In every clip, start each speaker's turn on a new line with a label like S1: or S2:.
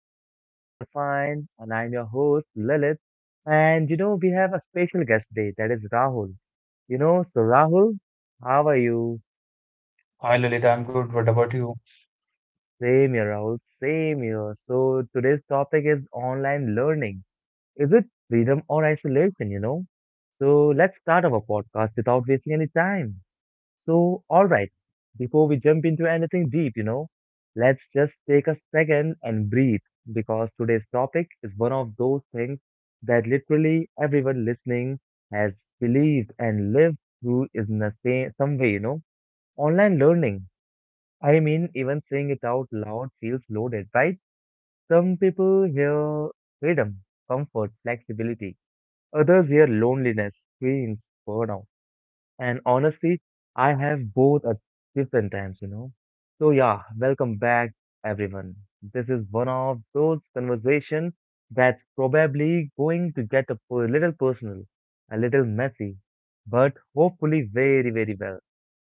S1: Hope you guys are fine. And I'm your host, Lilith. And we have a special guest today, that is Rahul. So Rahul, how are you?
S2: Hi Lalit, I'm good. What about you?
S1: Same here, Rahul. Same here. So today's topic is online learning. Is it freedom or isolation? So let's start our podcast without wasting any time. So, all right, before we jump into anything deep, let's just take a second and breathe because today's topic is one of those things that literally everyone listening has believed and lived through in the same some way. Online learning. I mean, even saying it out loud feels loaded, right? Some people hear freedom, comfort, flexibility. Others hear loneliness, screens, burnout and honestly, I have both at different times. So yeah, welcome back, everyone. This is one of those conversations that's probably going to get a little personal, a little messy, but hopefully very, very well.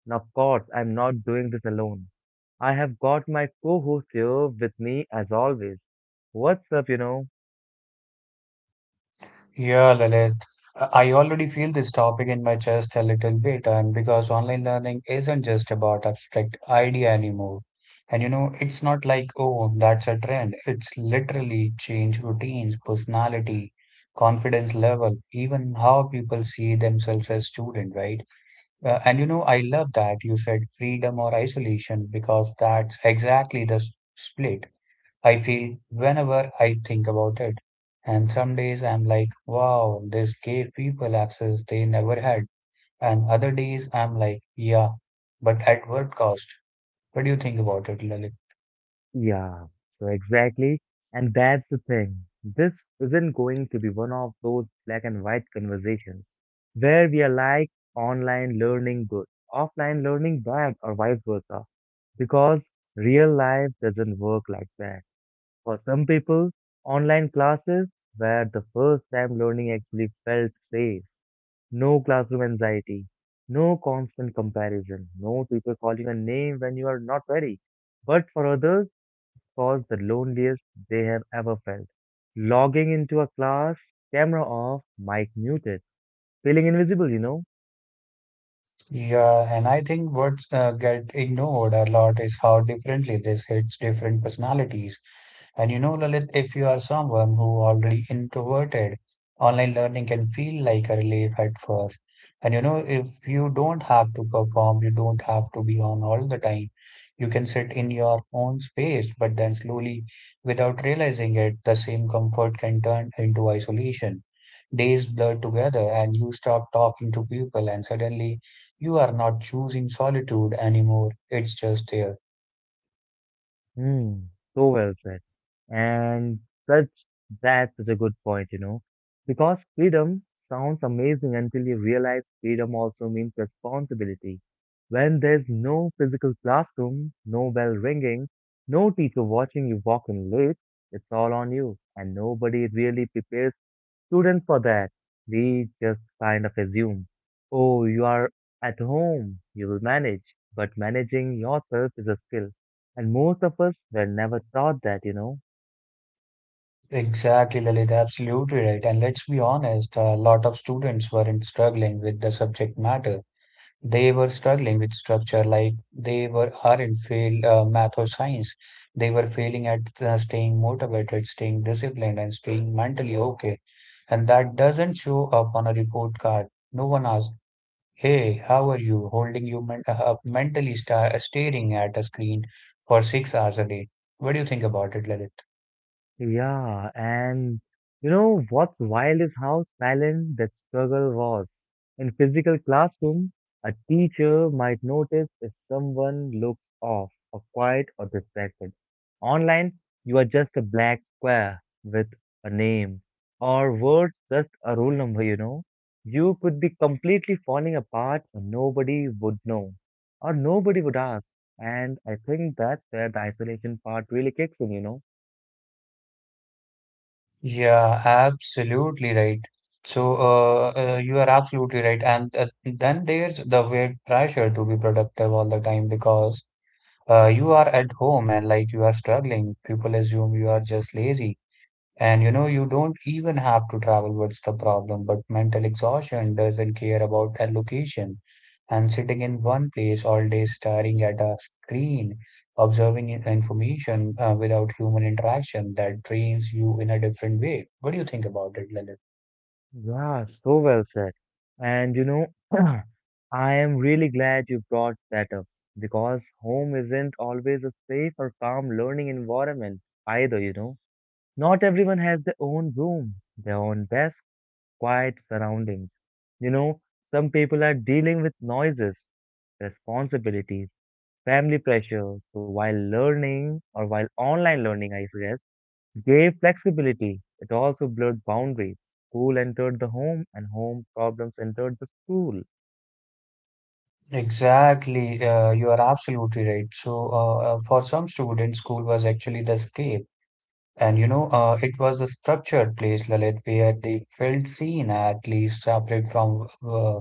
S1: Now, of course, I'm not doing this alone. I have got my co-host here with me as always. What's up?
S2: Yeah, Lalit. I already feel this topic in my chest a little bit, and because online learning isn't just about abstract idea anymore. And you know, it's not like, oh, that's a trend. It's literally change routines, personality, confidence level, even how people see themselves as student, right? And you know, I love that you said freedom or isolation because that's exactly the split. I feel whenever I think about it. And some days I'm like, wow, this gave people access they never had. And other days I'm like, yeah, but at what cost? What do you think about it, Lalit?
S1: Yeah, so exactly. And that's the thing. This isn't going to be one of those black and white conversations where we are like online learning good, offline learning bad, or vice versa. Because real life doesn't work like that. For some people, online classes were the first time learning actually felt safe. No classroom anxiety, no constant comparison, no teacher calling a name when you are not ready. But for others, caused the loneliest they have ever felt. Logging into a class, camera off, mic muted, feeling invisible?
S2: Yeah, and I think what's get ignored a lot is how differently this hits different personalities. And you know, Lalit, if you are someone who already introverted, online learning can feel like a relief at first. And you know, if you don't have to perform, you don't have to be on all the time. You can sit in your own space, but then slowly, without realizing it, the same comfort can turn into isolation. Days blur together, and you stop talking to people, and suddenly you are not choosing solitude anymore. It's just there.
S1: Hmm, so well said. And such, that's such a good point? Because freedom sounds amazing until you realize freedom also means responsibility. When there's no physical classroom, no bell ringing, no teacher watching you walk in late, it's all on you, and nobody really prepares students for that. We just kind of assume, oh, you are at home, you will manage. But managing yourself is a skill. And most of us were never taught that.
S2: Exactly, Lalit, absolutely right. And let's be honest, a lot of students weren't struggling with the subject matter. They were struggling with structure, like they were aren't fail math or science. They were failing at staying motivated, staying disciplined, and staying mentally okay. And that doesn't show up on a report card. No one asks, "Hey, how are you?" Holding you men up mentally, staring at a screen for 6 hours a day. What do you think about it, Lalit?
S1: Yeah, and you know what's wild is how silent that struggle was. In physical classroom, a teacher might notice if someone looks off or quiet or distracted. Online, you are just a black square with a name or words just a roll number, you know. You could be completely falling apart and nobody would know or nobody would ask. And I think that's where the isolation part really kicks in.
S2: Yeah, absolutely right. You are absolutely right. And then there's the weird pressure to be productive all the time because you are at home and like you are struggling. People assume you are just lazy. And you know, you don't even have to travel, what's the problem? But mental exhaustion doesn't care about a location. And sitting in one place all day staring at a screen, observing information without human interaction, that drains you in a different way. What do you think about it, Lalit?
S1: Yeah, so well said. And I am really glad you brought that up because home isn't always a safe or calm learning environment either. Not everyone has their own room, their own desk, quiet surroundings. You know, some people are dealing with noises, responsibilities, family pressure. So while learning or while online learning, I guess gave flexibility. It also blurred boundaries. School entered the home, and home problems entered the school.
S2: Exactly, you are absolutely right. For some students, school was actually the escape. And you know, it was a structured place, Lalit, where they felt seen, at least separate from uh,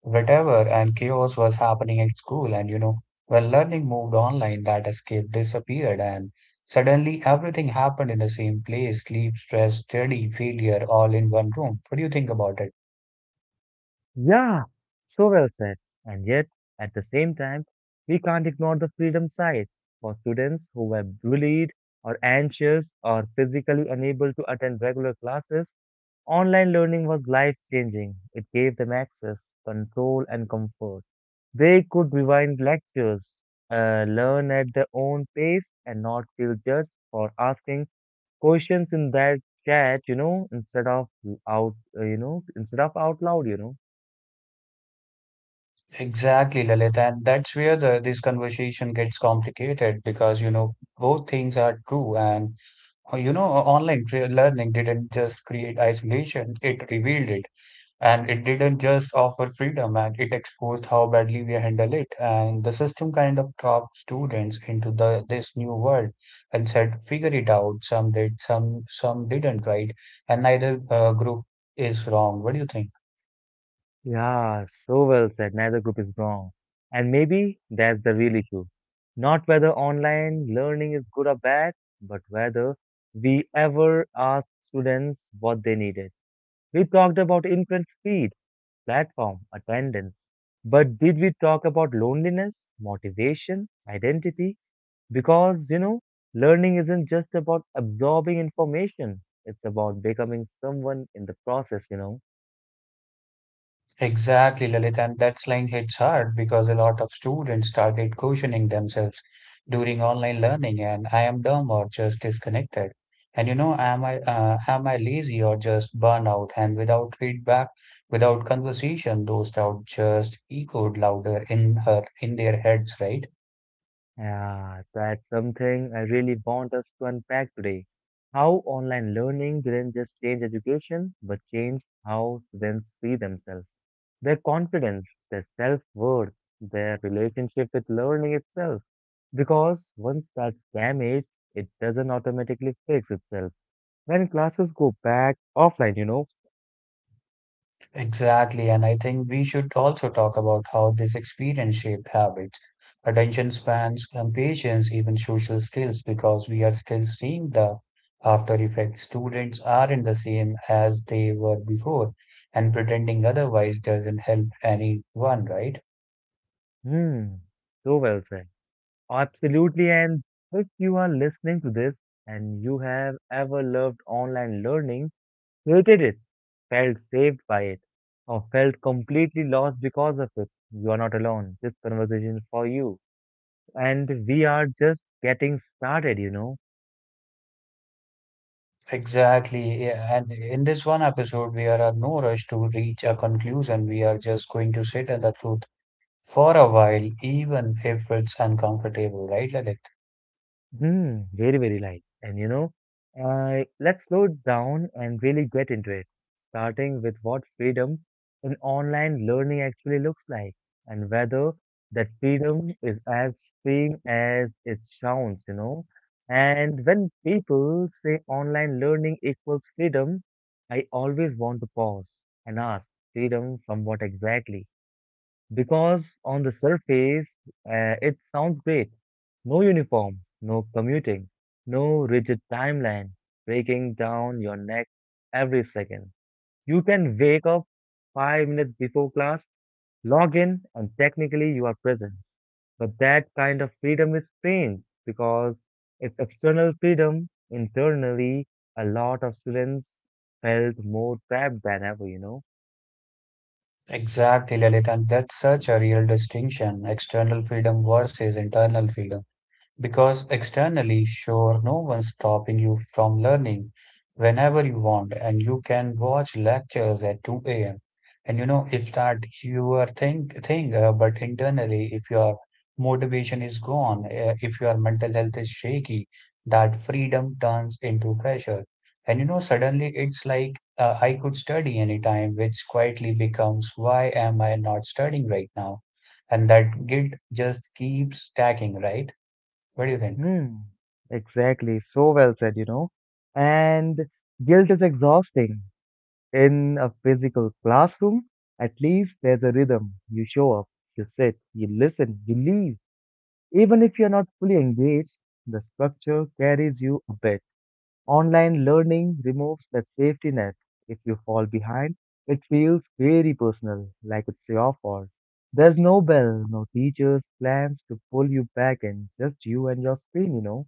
S2: Whatever and chaos was happening at school, and you know, when learning moved online, that escape disappeared, and suddenly everything happened in the same place: sleep, stress, study, failure, all in one room. What do you think about it?
S1: Yeah, so well said. And yet, at the same time, we can't ignore the freedom side. For students who were bullied or anxious or physically unable to attend regular classes, online learning was life changing. It gave them access, control, and comfort. They could rewind lectures, learn at their own pace, and not feel judged for asking questions in that chat, instead of out loud.
S2: Exactly, Lalit, and that's where the this conversation gets complicated because you know both things are true, and uh, you know online learning didn't just create isolation; it revealed it. And it didn't just offer freedom, and it exposed how badly we handle it. And the system kind of trapped students into the this new world and said, figure it out. Some did, some didn't, right? And neither group is wrong. What do you think?
S1: Yeah, so well said. Neither group is wrong. And maybe that's the real issue. Not whether online learning is good or bad, but whether we ever asked students what they needed. We talked about imprint speed, platform, attendance, but did we talk about loneliness, motivation, identity? Because, learning isn't just about absorbing information, it's about becoming someone in the process.
S2: Exactly, Lalit, and that line hits hard because a lot of students started questioning themselves during online learning and I am dumb or just disconnected. And you know, am I lazy or just burnout? And without feedback, without conversation, those doubts just echoed louder in their heads, right?
S1: Yeah, that's something I really want us to unpack today. How online learning didn't just change education, but changed how students see themselves, their confidence, their self-worth, their relationship with learning itself. Because once that's damaged, it doesn't automatically fix itself. When classes go back offline.
S2: Exactly, and I think we should also talk about how this experience shaped habits, attention spans, and patience, even social skills, because we are still seeing the after effects. Students aren't the same as they were before, and pretending otherwise doesn't help anyone, right?
S1: Hmm, so well said. Absolutely. And if you are listening to this and you have ever loved online learning, hated it, felt saved by it, or felt completely lost because of it, you are not alone. This conversation is for you. And we are just getting started.
S2: Exactly, yeah, and in this one episode, we are in no rush to reach a conclusion. We are just going to sit in the truth for a while, even if it's uncomfortable, right, Lalit?
S1: Hmm, very, very light. Let's slow it down and really get into it, starting with what freedom in online learning actually looks like and whether that freedom is as freeing as it sounds. And when people say online learning equals freedom, I always want to pause and ask, freedom from what exactly? Because on the surface, it sounds great. No uniform, no commuting, no rigid timeline breaking down your neck every second. You can wake up 5 minutes before class, log in, and technically you are present. But that kind of freedom is strange because it's external freedom. Internally, a lot of students felt more trapped than ever.
S2: Exactly, Lilith, and that's such a real distinction: external freedom versus internal freedom. Because externally, sure, no one's stopping you from learning whenever you want, and you can watch lectures at 2 a.m. And you know, if that you are think thing, but internally, if your motivation is gone, if your mental health is shaky, that freedom turns into pressure. And you know, suddenly it's like I could study anytime, which quietly becomes why am I not studying right now? And that guilt just keeps stacking, right? What do you think?
S1: Hmm, exactly. So well said. And guilt is exhausting. In a physical classroom, at least there's a rhythm. You show up, you sit, you listen, you leave. Even if you're not fully engaged, the structure carries you a bit. Online learning removes that safety net. If you fall behind, it feels very personal, like it's your fault. There's no bell, no teachers' plans to pull you back in, just you and your screen.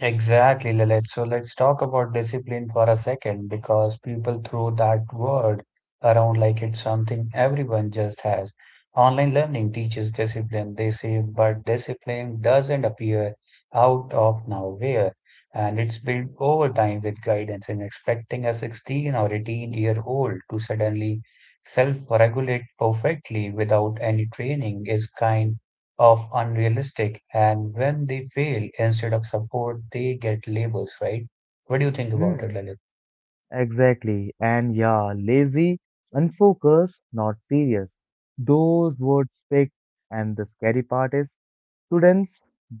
S2: Exactly, Lalit. So let's talk about discipline for a second because people throw that word around like it's something everyone just has. Online learning teaches discipline, they say, but discipline doesn't appear out of nowhere. And it's built over time with guidance, and expecting a 16 or 18-year-old to suddenly self regulate perfectly without any training is kind of unrealistic, and when they fail instead of support they get labels, right? What do you think about it,
S1: Mm,
S2: Lalit?
S1: exactly. And yeah, lazy, unfocused, not serious. Those words stick. And the scary part is students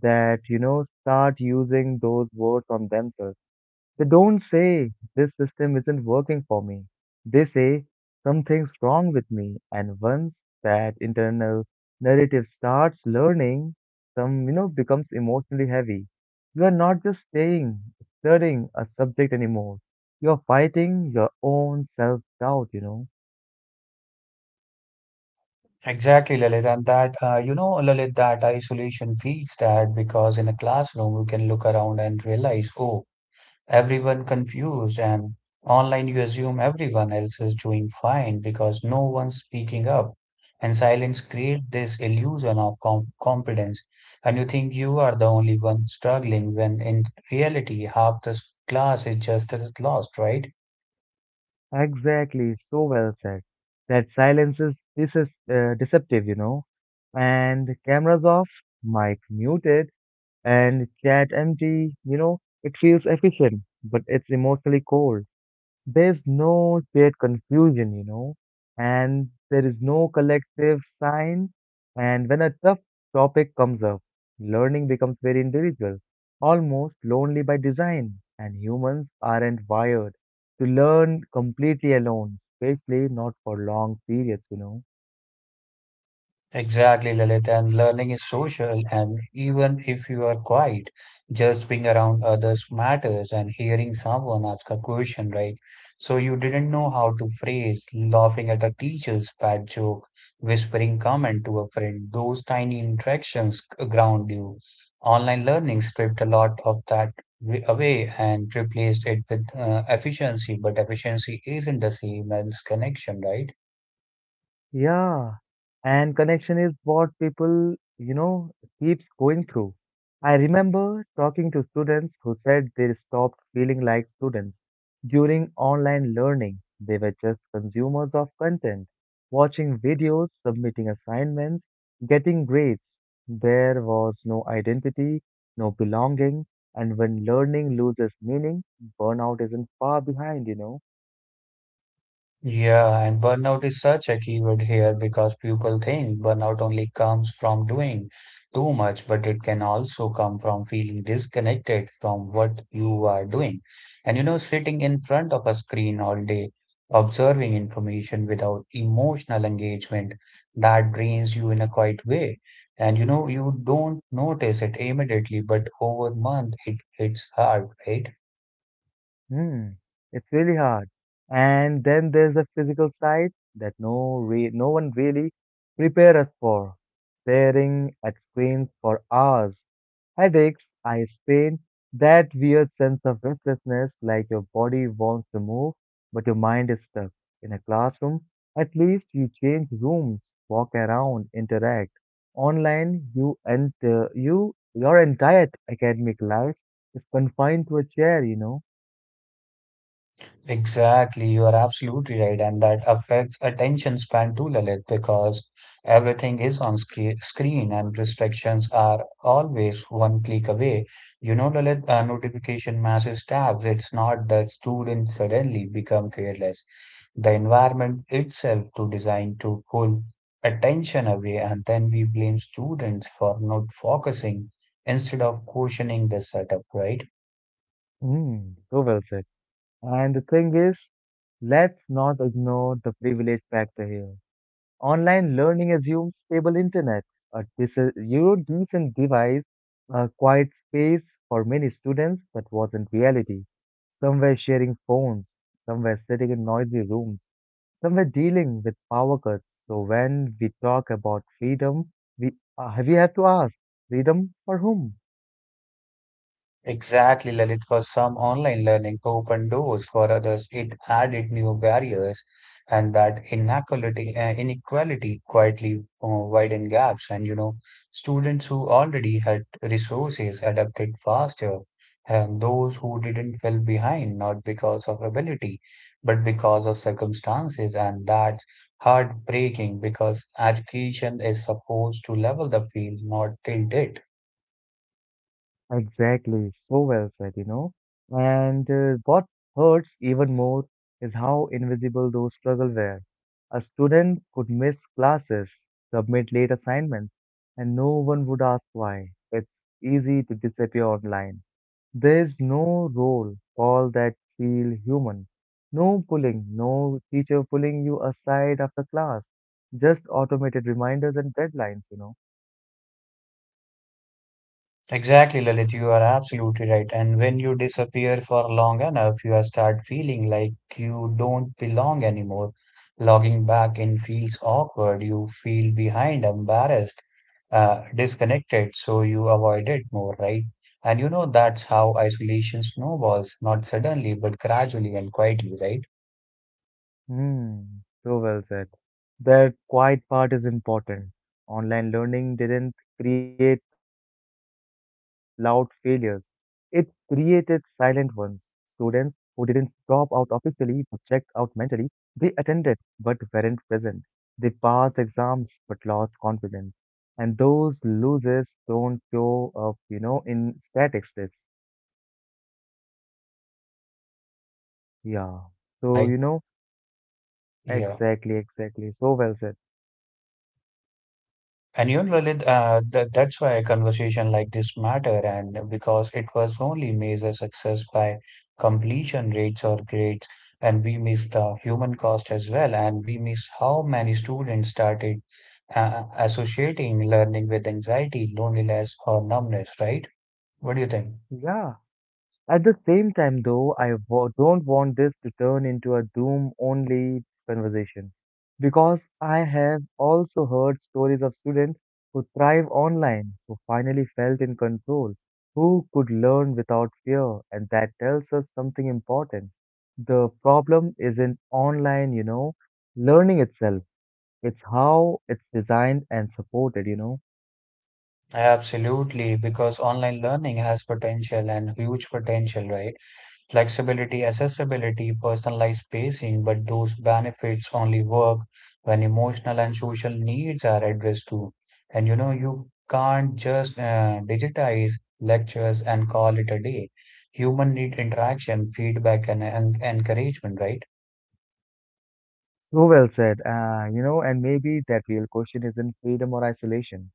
S1: that start using those words on themselves. They don't say, This system isn't working for me. They say, Something's wrong with me. And once that internal narrative starts learning, some, becomes emotionally heavy. You are not just studying a subject anymore. You're fighting your own self doubt.
S2: Exactly, Lalit. And that you know lalit that isolation feeds that because in a classroom you can look around and realize, oh, everyone confused, and online you assume everyone else is doing fine because no one's speaking up, and silence creates this illusion of competence, and you think you are the only one struggling when in reality half the class is just as lost, right?
S1: Exactly, so well said. That silence is, this is deceptive. And cameras off, mic muted. And ChatMG, it feels efficient, but it's emotionally cold. There's no shared confusion, and there is no collective sign. And when a tough topic comes up, learning becomes very individual, almost lonely by design. And humans aren't wired to learn completely alone, especially not for long periods.
S2: Exactly, Lalit. And learning is social, and even if you are quiet, just being around others matters, and hearing someone ask a question, right? So you didn't know how to phrase, laughing at a teacher's bad joke, whispering comment to a friend. Those tiny interactions ground you. Online learning stripped a lot of that away and replaced it with efficiency, but efficiency isn't the same as connection, right?
S1: Yeah, and connection is what people keeps going through. I remember talking to students who said they stopped feeling like students during online learning. They were just consumers of content, watching videos, submitting assignments, getting grades. There was no identity, no belonging, and when learning loses meaning, burnout isn't far behind.
S2: Yeah, and burnout is such a keyword here because people think burnout only comes from doing too much, but it can also come from feeling disconnected from what you are doing. And you know, sitting in front of a screen all day, observing information without emotional engagement, that drains you in a quiet way. And you know, you don't notice it immediately, but over month it hits hard, right?
S1: Hmm, it's really hard. And then there's the physical side that no one really prepare us for. Staring at screens for hours, headaches, eye strain, that weird sense of restlessness like your body wants to move, but your mind is stuck. In a classroom, at least you change rooms, walk around, interact. Online, you enter you your entire academic life is confined to a chair.
S2: Exactly, you are absolutely right, and that affects attention span too, Lalit, because everything is on screen and restrictions are always one click away. You know, Lalit, notification masses tabs. It's not that students suddenly become careless. The environment itself to design to pull attention away, and then we blame students for not focusing instead of questioning the setup, right?
S1: Mm, so well said. And the thing is, let's not ignore the privilege factor here. Online learning assumes stable internet, a decent device, a quiet space for many students that wasn't reality. Some were sharing phones, some were sitting in noisy rooms, some were dealing with power cuts. So when we talk about freedom, we have to ask, freedom for whom?
S2: Exactly, Lalit. For some, online learning opened doors. For others, it added new barriers, and that inequality, inequality quietly uh, widened gaps. And you know, students who already had resources adapted faster, and those who didn't fell behind, not because of ability, but because of circumstances. And that's heartbreaking because education is supposed to level the field, not tilt it.
S1: Exactly, so well said. And what hurts even more is how invisible those struggles were. A student could miss classes, submit late assignments, and no one would ask why. It's easy to disappear online. There's no role call that feel human. No pulling, no teacher pulling you aside after class. Just automated reminders and deadlines.
S2: Exactly, Lalit, you are absolutely right. And when you disappear for long enough, you start feeling like you don't belong anymore. Logging back in feels awkward. You feel behind, embarrassed, disconnected, so you avoid it more, right? And you know that's how isolation snowballs, not suddenly, but gradually and quietly, right?
S1: Hmm, so well said. That quiet part is important. Online learning didn't create loud failures. It created silent ones. Students who didn't drop out officially but checked out mentally, they attended but weren't present. They passed exams but lost confidence. And those losers don't show up in statistics.
S2: Yeah, and I think, Lalit, that's why
S1: Yeah.
S2: conversation
S1: So,
S2: like,
S1: you know,
S2: yeah.
S1: exactly, exactly. So well said.
S2: And you know, Lalit, that's why a conversation like this matter, and because it was only measured success by completion rates or grades, and we miss the human cost as well, and we miss how many students started associating learning with anxiety, loneliness, or numbness, right? What do you think?
S1: Yeah. At the same time, though, I don't want this to turn into a doom only conversation because I have also heard stories of students who thrive online, who finally felt in control, who could learn without fear, and that tells us something important. The problem isn't online, learning itself, it's how it's designed and supported.
S2: Absolutely, because online learning has potential, and huge potential, right? Flexibility, accessibility, personalized pacing, but those benefits only work when emotional and social needs are addressed too. And you know, you can't just digitize lectures and call it a day. Human need interaction, feedback, and encouragement, right?
S1: So well said. And maybe that real question isn't freedom or isolation.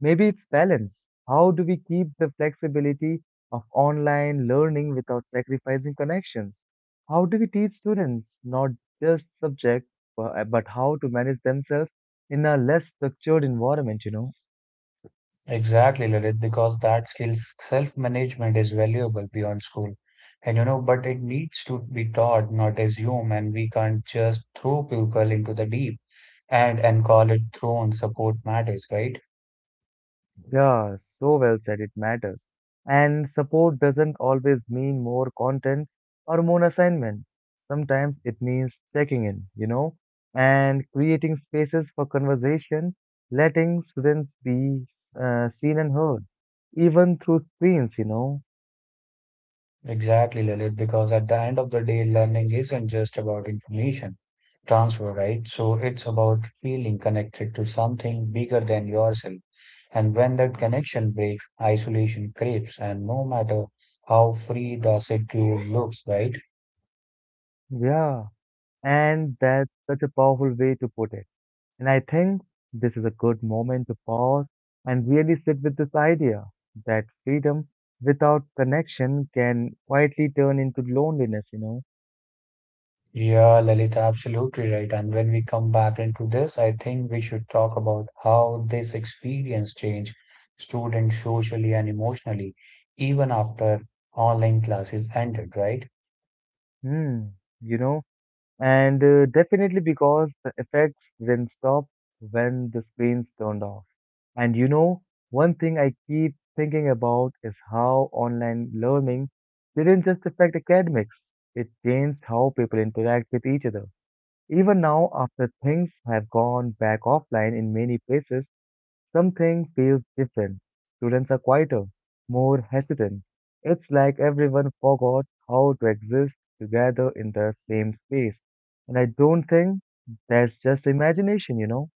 S1: Maybe it's balance. How do we keep the flexibility of online learning without sacrificing connections? How do we teach students not just subject, but how to manage themselves in a less structured environment,
S2: Exactly, Lalit, because that skills self-management is valuable beyond school. And you know, but it needs to be taught, not assumed. And we can't just throw people into the deep and call it thrown support matters, right?
S1: Yeah, so well said, it matters. And support doesn't always mean more content or more assignment. Sometimes it means checking in, you know, and creating spaces for conversation, letting students be seen and heard, even through screens.
S2: Exactly, Lilith, because at the end of the day, learning isn't just about information transfer, right? So it's about feeling connected to something bigger than yourself. And when that connection breaks, isolation creeps, and no matter how free the secure looks, right?
S1: Yeah, and that's such a powerful way to put it. And I think this is a good moment to pause and really sit with this idea that freedom without connection can quietly turn into loneliness.
S2: Yeah, Lalit, absolutely right. And when we come back into this, I think we should talk about how this experience changed students socially and emotionally, even after online classes ended, right?
S1: Hmm, you know, and definitely because the effects then stop when the screen's turned off. And you know, one thing I keep thinking about is how online learning didn't just affect academics, it changed how people interact with each other. Even now, after things have gone back offline in many places, something feels different. Students are quieter, more hesitant. It's like everyone forgot how to exist together in the same space. And I don't think that's just imagination,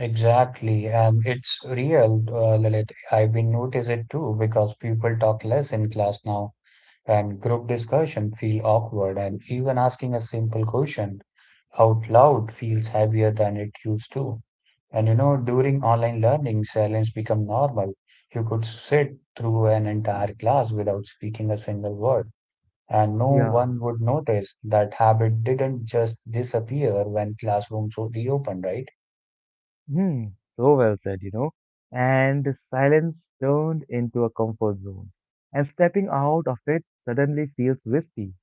S2: Exactly, and it's real, Lalit. I've been noticed it too because people talk less in class now, and group discussion feel awkward, and even asking a simple question out loud feels heavier than it used to. And you know, during online learning, silence become normal. You could sit through an entire class without speaking a single word, and no
S1: Yeah.
S2: one would notice. That habit didn't just disappear when classrooms reopened, right?
S1: Hmm, so well said, And the silence turned into a comfort zone. And stepping out of it suddenly feels risky.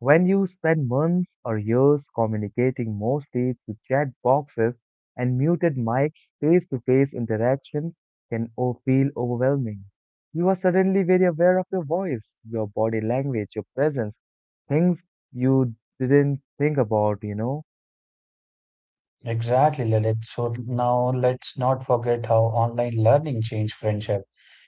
S1: When you spend months or years communicating mostly through chat boxes and muted mics, face-to-face interaction feel overwhelming. You are suddenly very aware of your voice, your body language, your presence, things you didn't think about,
S2: Exactly, Lalit. So now let's not forget how online learning changed friendship.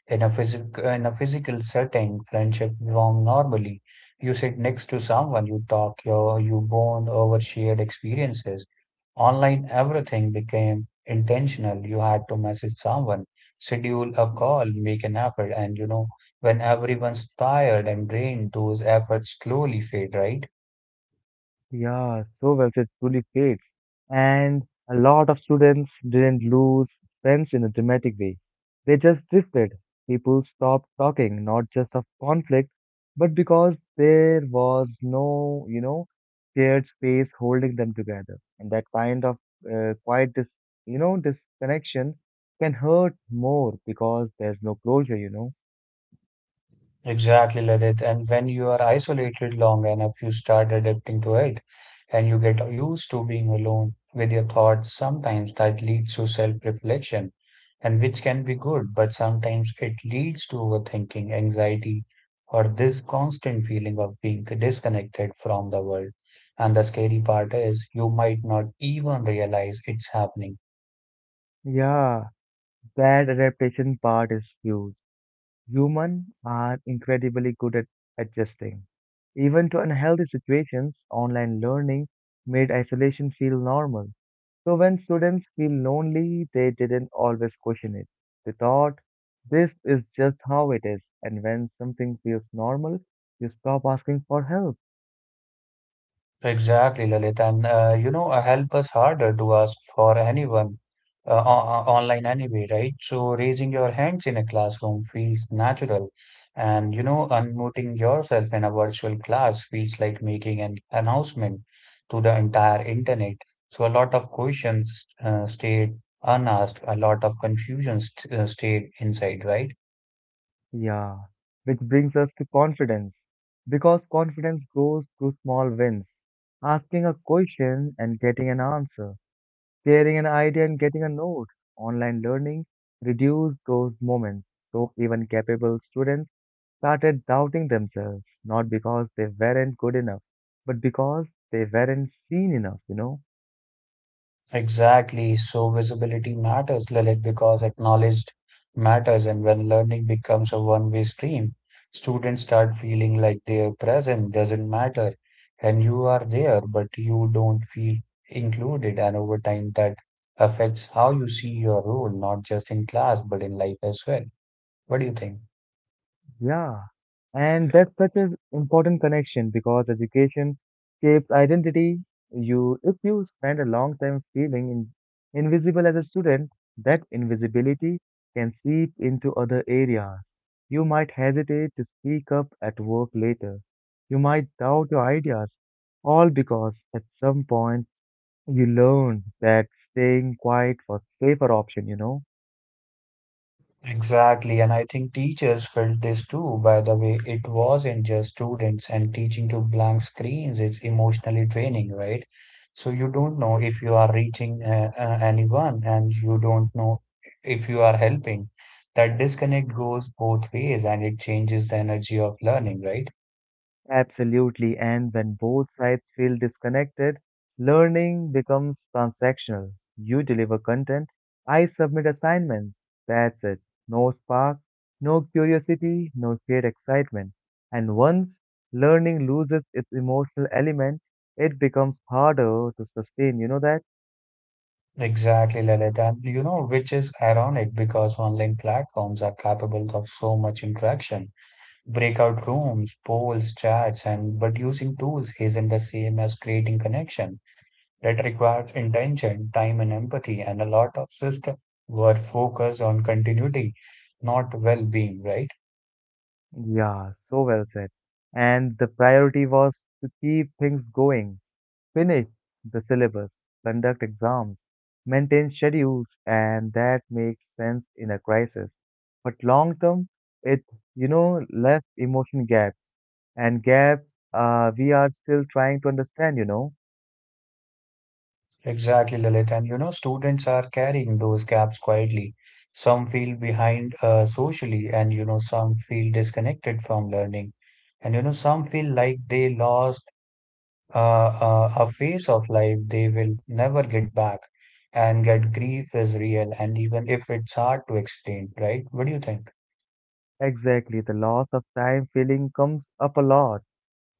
S2: In a physical setting, friendship form normally. You sit next to someone, you talk, you bond over shared experiences. Online, everything became intentional. You had to message someone, schedule a call, make an effort, and you know when everyone's tired and drained, those efforts slowly fade, right?
S1: Yeah, so well, website truly fades. And a lot of students didn't lose friends in a dramatic way. They just drifted. People stopped talking, not just of conflict, but because there was no, you know, shared space holding them together. And that kind of quiet disconnection can hurt more because there's no closure.
S2: Exactly, Ladit. And when you are isolated long enough, you start adapting to it and you get used to being alone with your thoughts. Sometimes that leads to self-reflection, and which can be good, but sometimes it leads to overthinking, anxiety, or this constant feeling of being disconnected from the world. And the scary part is you might not even realize it's happening.
S1: Yeah, that adaptation part is huge. Humans are incredibly good at adjusting. Even to unhealthy situations, online learning made isolation feel normal. So when students feel lonely, they didn't always question it. They thought, this is just how it is. And when something feels normal, you stop asking for help.
S2: Exactly, Lalit. And help us harder to ask for anyone online anyway, right? So raising your hands in a classroom feels natural. And you know, unmuting yourself in a virtual class feels like making an announcement to the entire internet. So a lot of questions stayed unasked, a lot of confusion st stayed inside, right?
S1: Yeah. Which brings us to confidence. Because confidence grows through small wins. Asking a question and getting an answer, sharing an idea and getting a note. Online learning reduced those moments, so even capable students started doubting themselves, not because they weren't good enough, but because they weren't seen enough,
S2: Exactly. So visibility matters, Lilith, because acknowledged matters. And when learning becomes a one-way stream, students start feeling like their presence doesn't matter. And you are there, but you don't feel included. And over time, that affects how you see your role, not just in class, but in life as well. What do you think?
S1: Yeah, and that's such an important connection because education shapes identity. If you spend a long time feeling invisible as a student, that invisibility can seep into other areas. You might hesitate to speak up at work later. You might doubt your ideas, all because at some point you learned that staying quiet was safer option,
S2: Exactly, and I think teachers felt this too. By the way, it wasn't just students, and teaching to blank screens is emotionally draining, right? So you don't know if you are reaching anyone, and you don't know if you are helping. That disconnect goes both ways, and it changes the energy of learning, right?
S1: Absolutely. And when both sides feel disconnected, learning becomes transactional. You deliver content, I submit assignments. That's it. No spark, no curiosity, no shared excitement. And once learning loses its emotional element, it becomes harder to sustain. You know that?
S2: Exactly, Lalit. And you know, which is ironic because online platforms are capable of so much interaction. Breakout rooms, polls, chats, and but using tools isn't the same as creating connection. That requires intention, time, and empathy, and a lot of system were focused on continuity, not well-being, right?
S1: Yeah, so well said. And the priority was to keep things going, finish the syllabus, conduct exams, maintain schedules, and that makes sense in a crisis. But long term, it you know left emotion gaps and gaps we are still trying to understand. You know
S2: Exactly, Lilith. And you know, students are carrying those gaps quietly. Some feel behind socially, and you know, some feel disconnected from learning, and you know, some feel like they lost uh, a phase of life they will never get back, and that grief is real, and even if it's hard to explain, right? What do you think?
S1: exactly the loss of time feeling comes up a lot.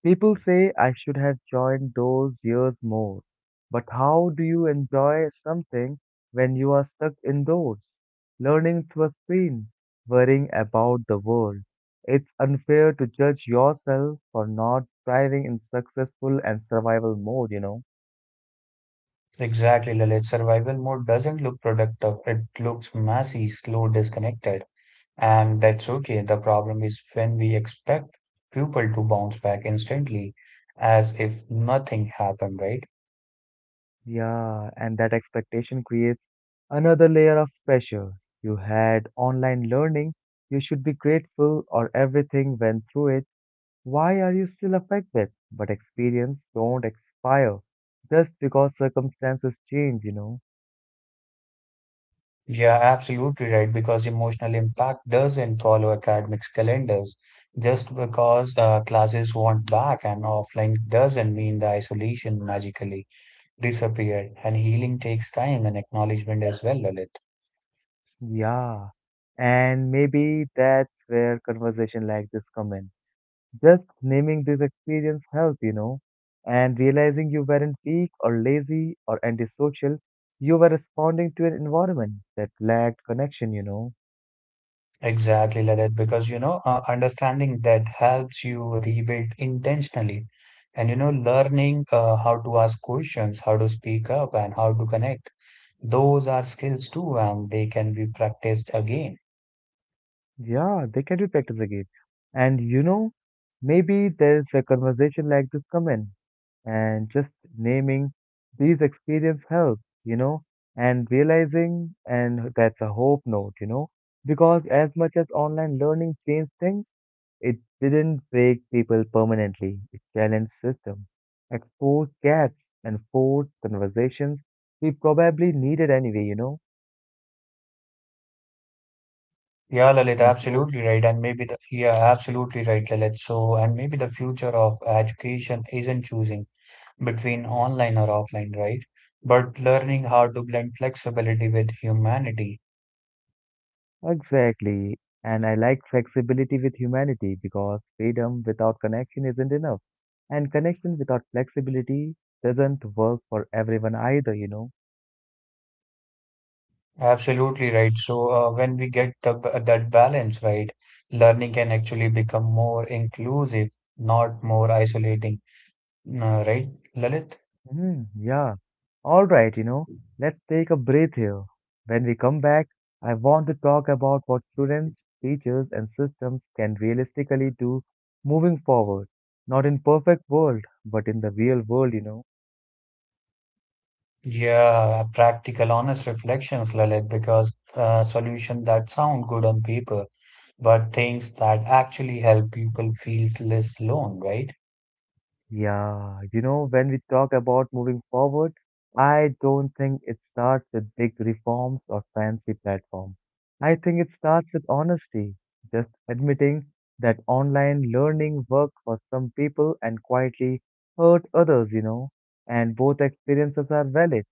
S1: People say I should have joined those years more. But how do you enjoy something when you are stuck indoors, learning through a screen, worrying about the world? It's unfair to judge yourself for not thriving in successful and survival mode,
S2: Exactly, Lalit. Survival mode doesn't look productive, it looks messy, slow, disconnected, and that's okay. The problem is when we expect people to bounce back instantly as if nothing happened, right?
S1: Yeah, and that expectation creates another layer of pressure. You had online learning, you should be grateful or everything went through it. Why are you still affected? But experience don't expire just because circumstances change,
S2: Yeah, absolutely right. Because emotional impact doesn't follow academics calendars. Just because classes want back and offline doesn't mean the isolation magically disappeared. And healing takes time and acknowledgement as well, Lalit.
S1: Yeah. And maybe that's where conversation like this come in. Just naming this experience help, you know, and realizing you weren't weak or lazy or antisocial, you were responding to an environment that lacked connection,
S2: Exactly, Lalit. Because understanding that helps you rebuild intentionally. And you know, learning how to ask questions, how to speak up, and how to connect. Those are skills too, and they can be practiced again.
S1: Yeah, they can be practice again. And you know, maybe there's a conversation like this come in, and just naming these experience helps, you know, and realizing and that's a hope note, you know, because as much as online learning changed things, it didn't break people permanently. It challenged systems, exposed gaps, and forced conversations we probably needed anyway, you know,
S2: Yeah, Lalit,
S1: and so.
S2: absolutely right. And maybe the, yeah, absolutely right, Lalit. So, and maybe the future of education isn't choosing between online or offline, right? But learning
S1: Mm-hmm.
S2: how to blend flexibility with humanity.
S1: Exactly. And I like flexibility with humanity because freedom without connection isn't enough. And connection without flexibility doesn't work for everyone either,
S2: Absolutely right. So, when we get that balance right, learning can actually become more inclusive, not more isolating, right, Lalit?
S1: Hmm, yeah. All right, you know, let's take a breath here. When we come back, I want to talk about what students, teachers, and systems can realistically do moving forward, not in perfect world, but in the real world,
S2: Yeah, practical, honest reflections, Lalit, because solution that sound good on paper but things that actually help people feel less alone, right?
S1: Yeah, you know, when we talk about moving forward, I don't think it starts with big reforms or fancy platforms. I think it starts with honesty, just admitting that online learning worked for some people and quietly hurt others, you know, and both experiences are valid.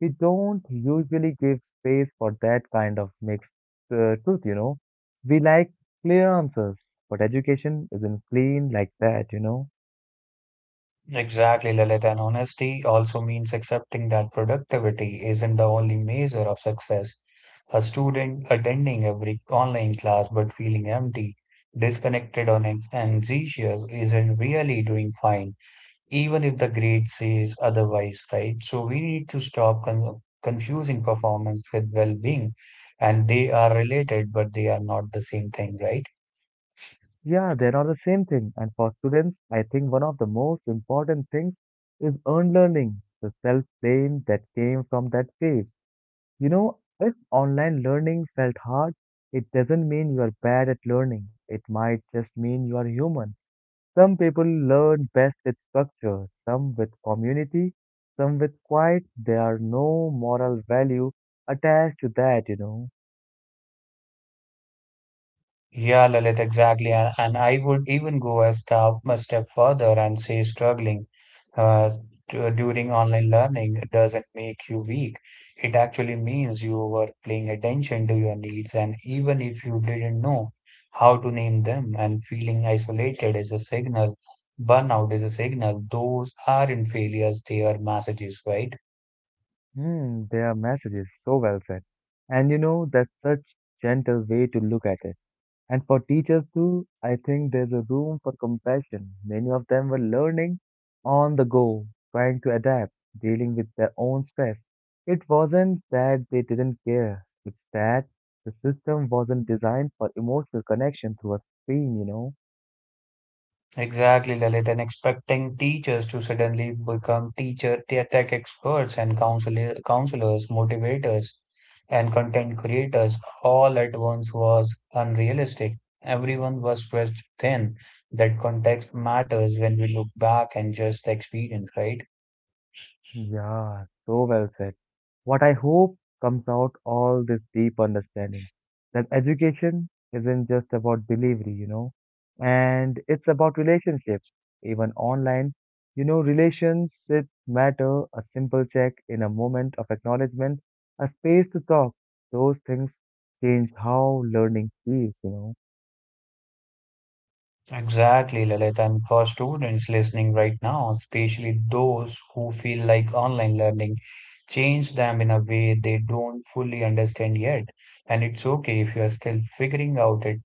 S1: We don't usually give space for that kind of mixed truth, We like clear answers, but education isn't clean like that,
S2: Exactly, Lalit. And honesty also means accepting that productivity isn't the only measure of success. A student attending every online class but feeling empty, disconnected, or anxious isn't really doing fine, even if the grade says otherwise, right? So we need to stop confusing performance with well being, and they are related, but they are not the same thing, right?
S1: Yeah, they are not the same thing. And for students, I think one of the most important things is earned learning, the self-blame that came from that phase. You know, if online learning felt hard, it doesn't mean you are bad at learning. It might just mean you are human. Some people learn best with structure, some with community, some with quiet. There are no moral value attached to that,
S2: Yeah, Lalit, exactly. And I would even go a step further and say struggling uh, during online learning doesn't make you weak. It actually means you were paying attention to your needs, and even if you didn't know how to name them, and feeling isolated is a signal, burnout is a signal. Those aren't failures, they are messages, right?
S1: Hmm, their message is so well said. And you know, that's such gentle way to look at it. And for teachers too, I think there's a room for compassion. Many of them were learning on the go, trying to adapt, dealing with their own stress. It wasn't that they didn't care, it's that the system wasn't designed for emotional connection through a screen,
S2: Exactly, Lalit, and expecting teachers to suddenly become tech experts and counselors, motivators, and content creators all at once was unrealistic. Everyone was stretched thin. That context matters when we look back and just the experience, right?
S1: Yeah, so well said. What I hope comes out all this deep understanding that education isn't just about delivery, you know, and it's about relationship, even online. You know, relationships matter, a simple check in a moment of acknowledgement, a space to talk. Those things change how learning feels,
S2: Exactly, Lalit. And for students listening right now, especially those who feel like online learning changed them in a way they don't fully understand yet. And it's okay if you're still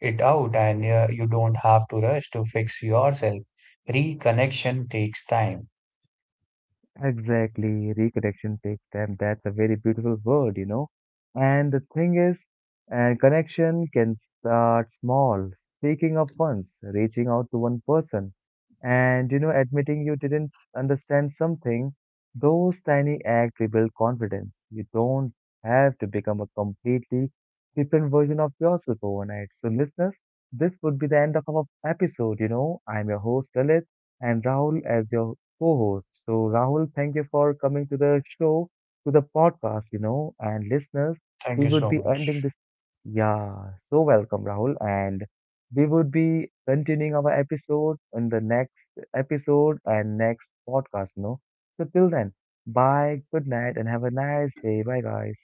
S2: it out and you don't have to rush to fix yourself. Reconnection takes time.
S1: Exactly, reconnection takes time. That's a very beautiful word, And the thing is, and connection can start small, speaking up once, reaching out to one person, and you know, admitting you didn't understand something. Those tiny acts rebuild confidence. You don't have to become a completely different version of yourself overnight. So, listeners, this would be the end of our episode. You know, I'm your host, Lalit, and Rahul as your co-host. So, Rahul, thank you for coming to the show, to the podcast, you know, and listeners,
S2: Thank
S1: we
S2: you
S1: would
S2: so
S1: be ending
S2: much.
S1: this. Yeah, so welcome, Rahul. And we would be continuing our episode in the next episode and next podcast, So, till then, bye, good night, and have a nice day. Bye, guys.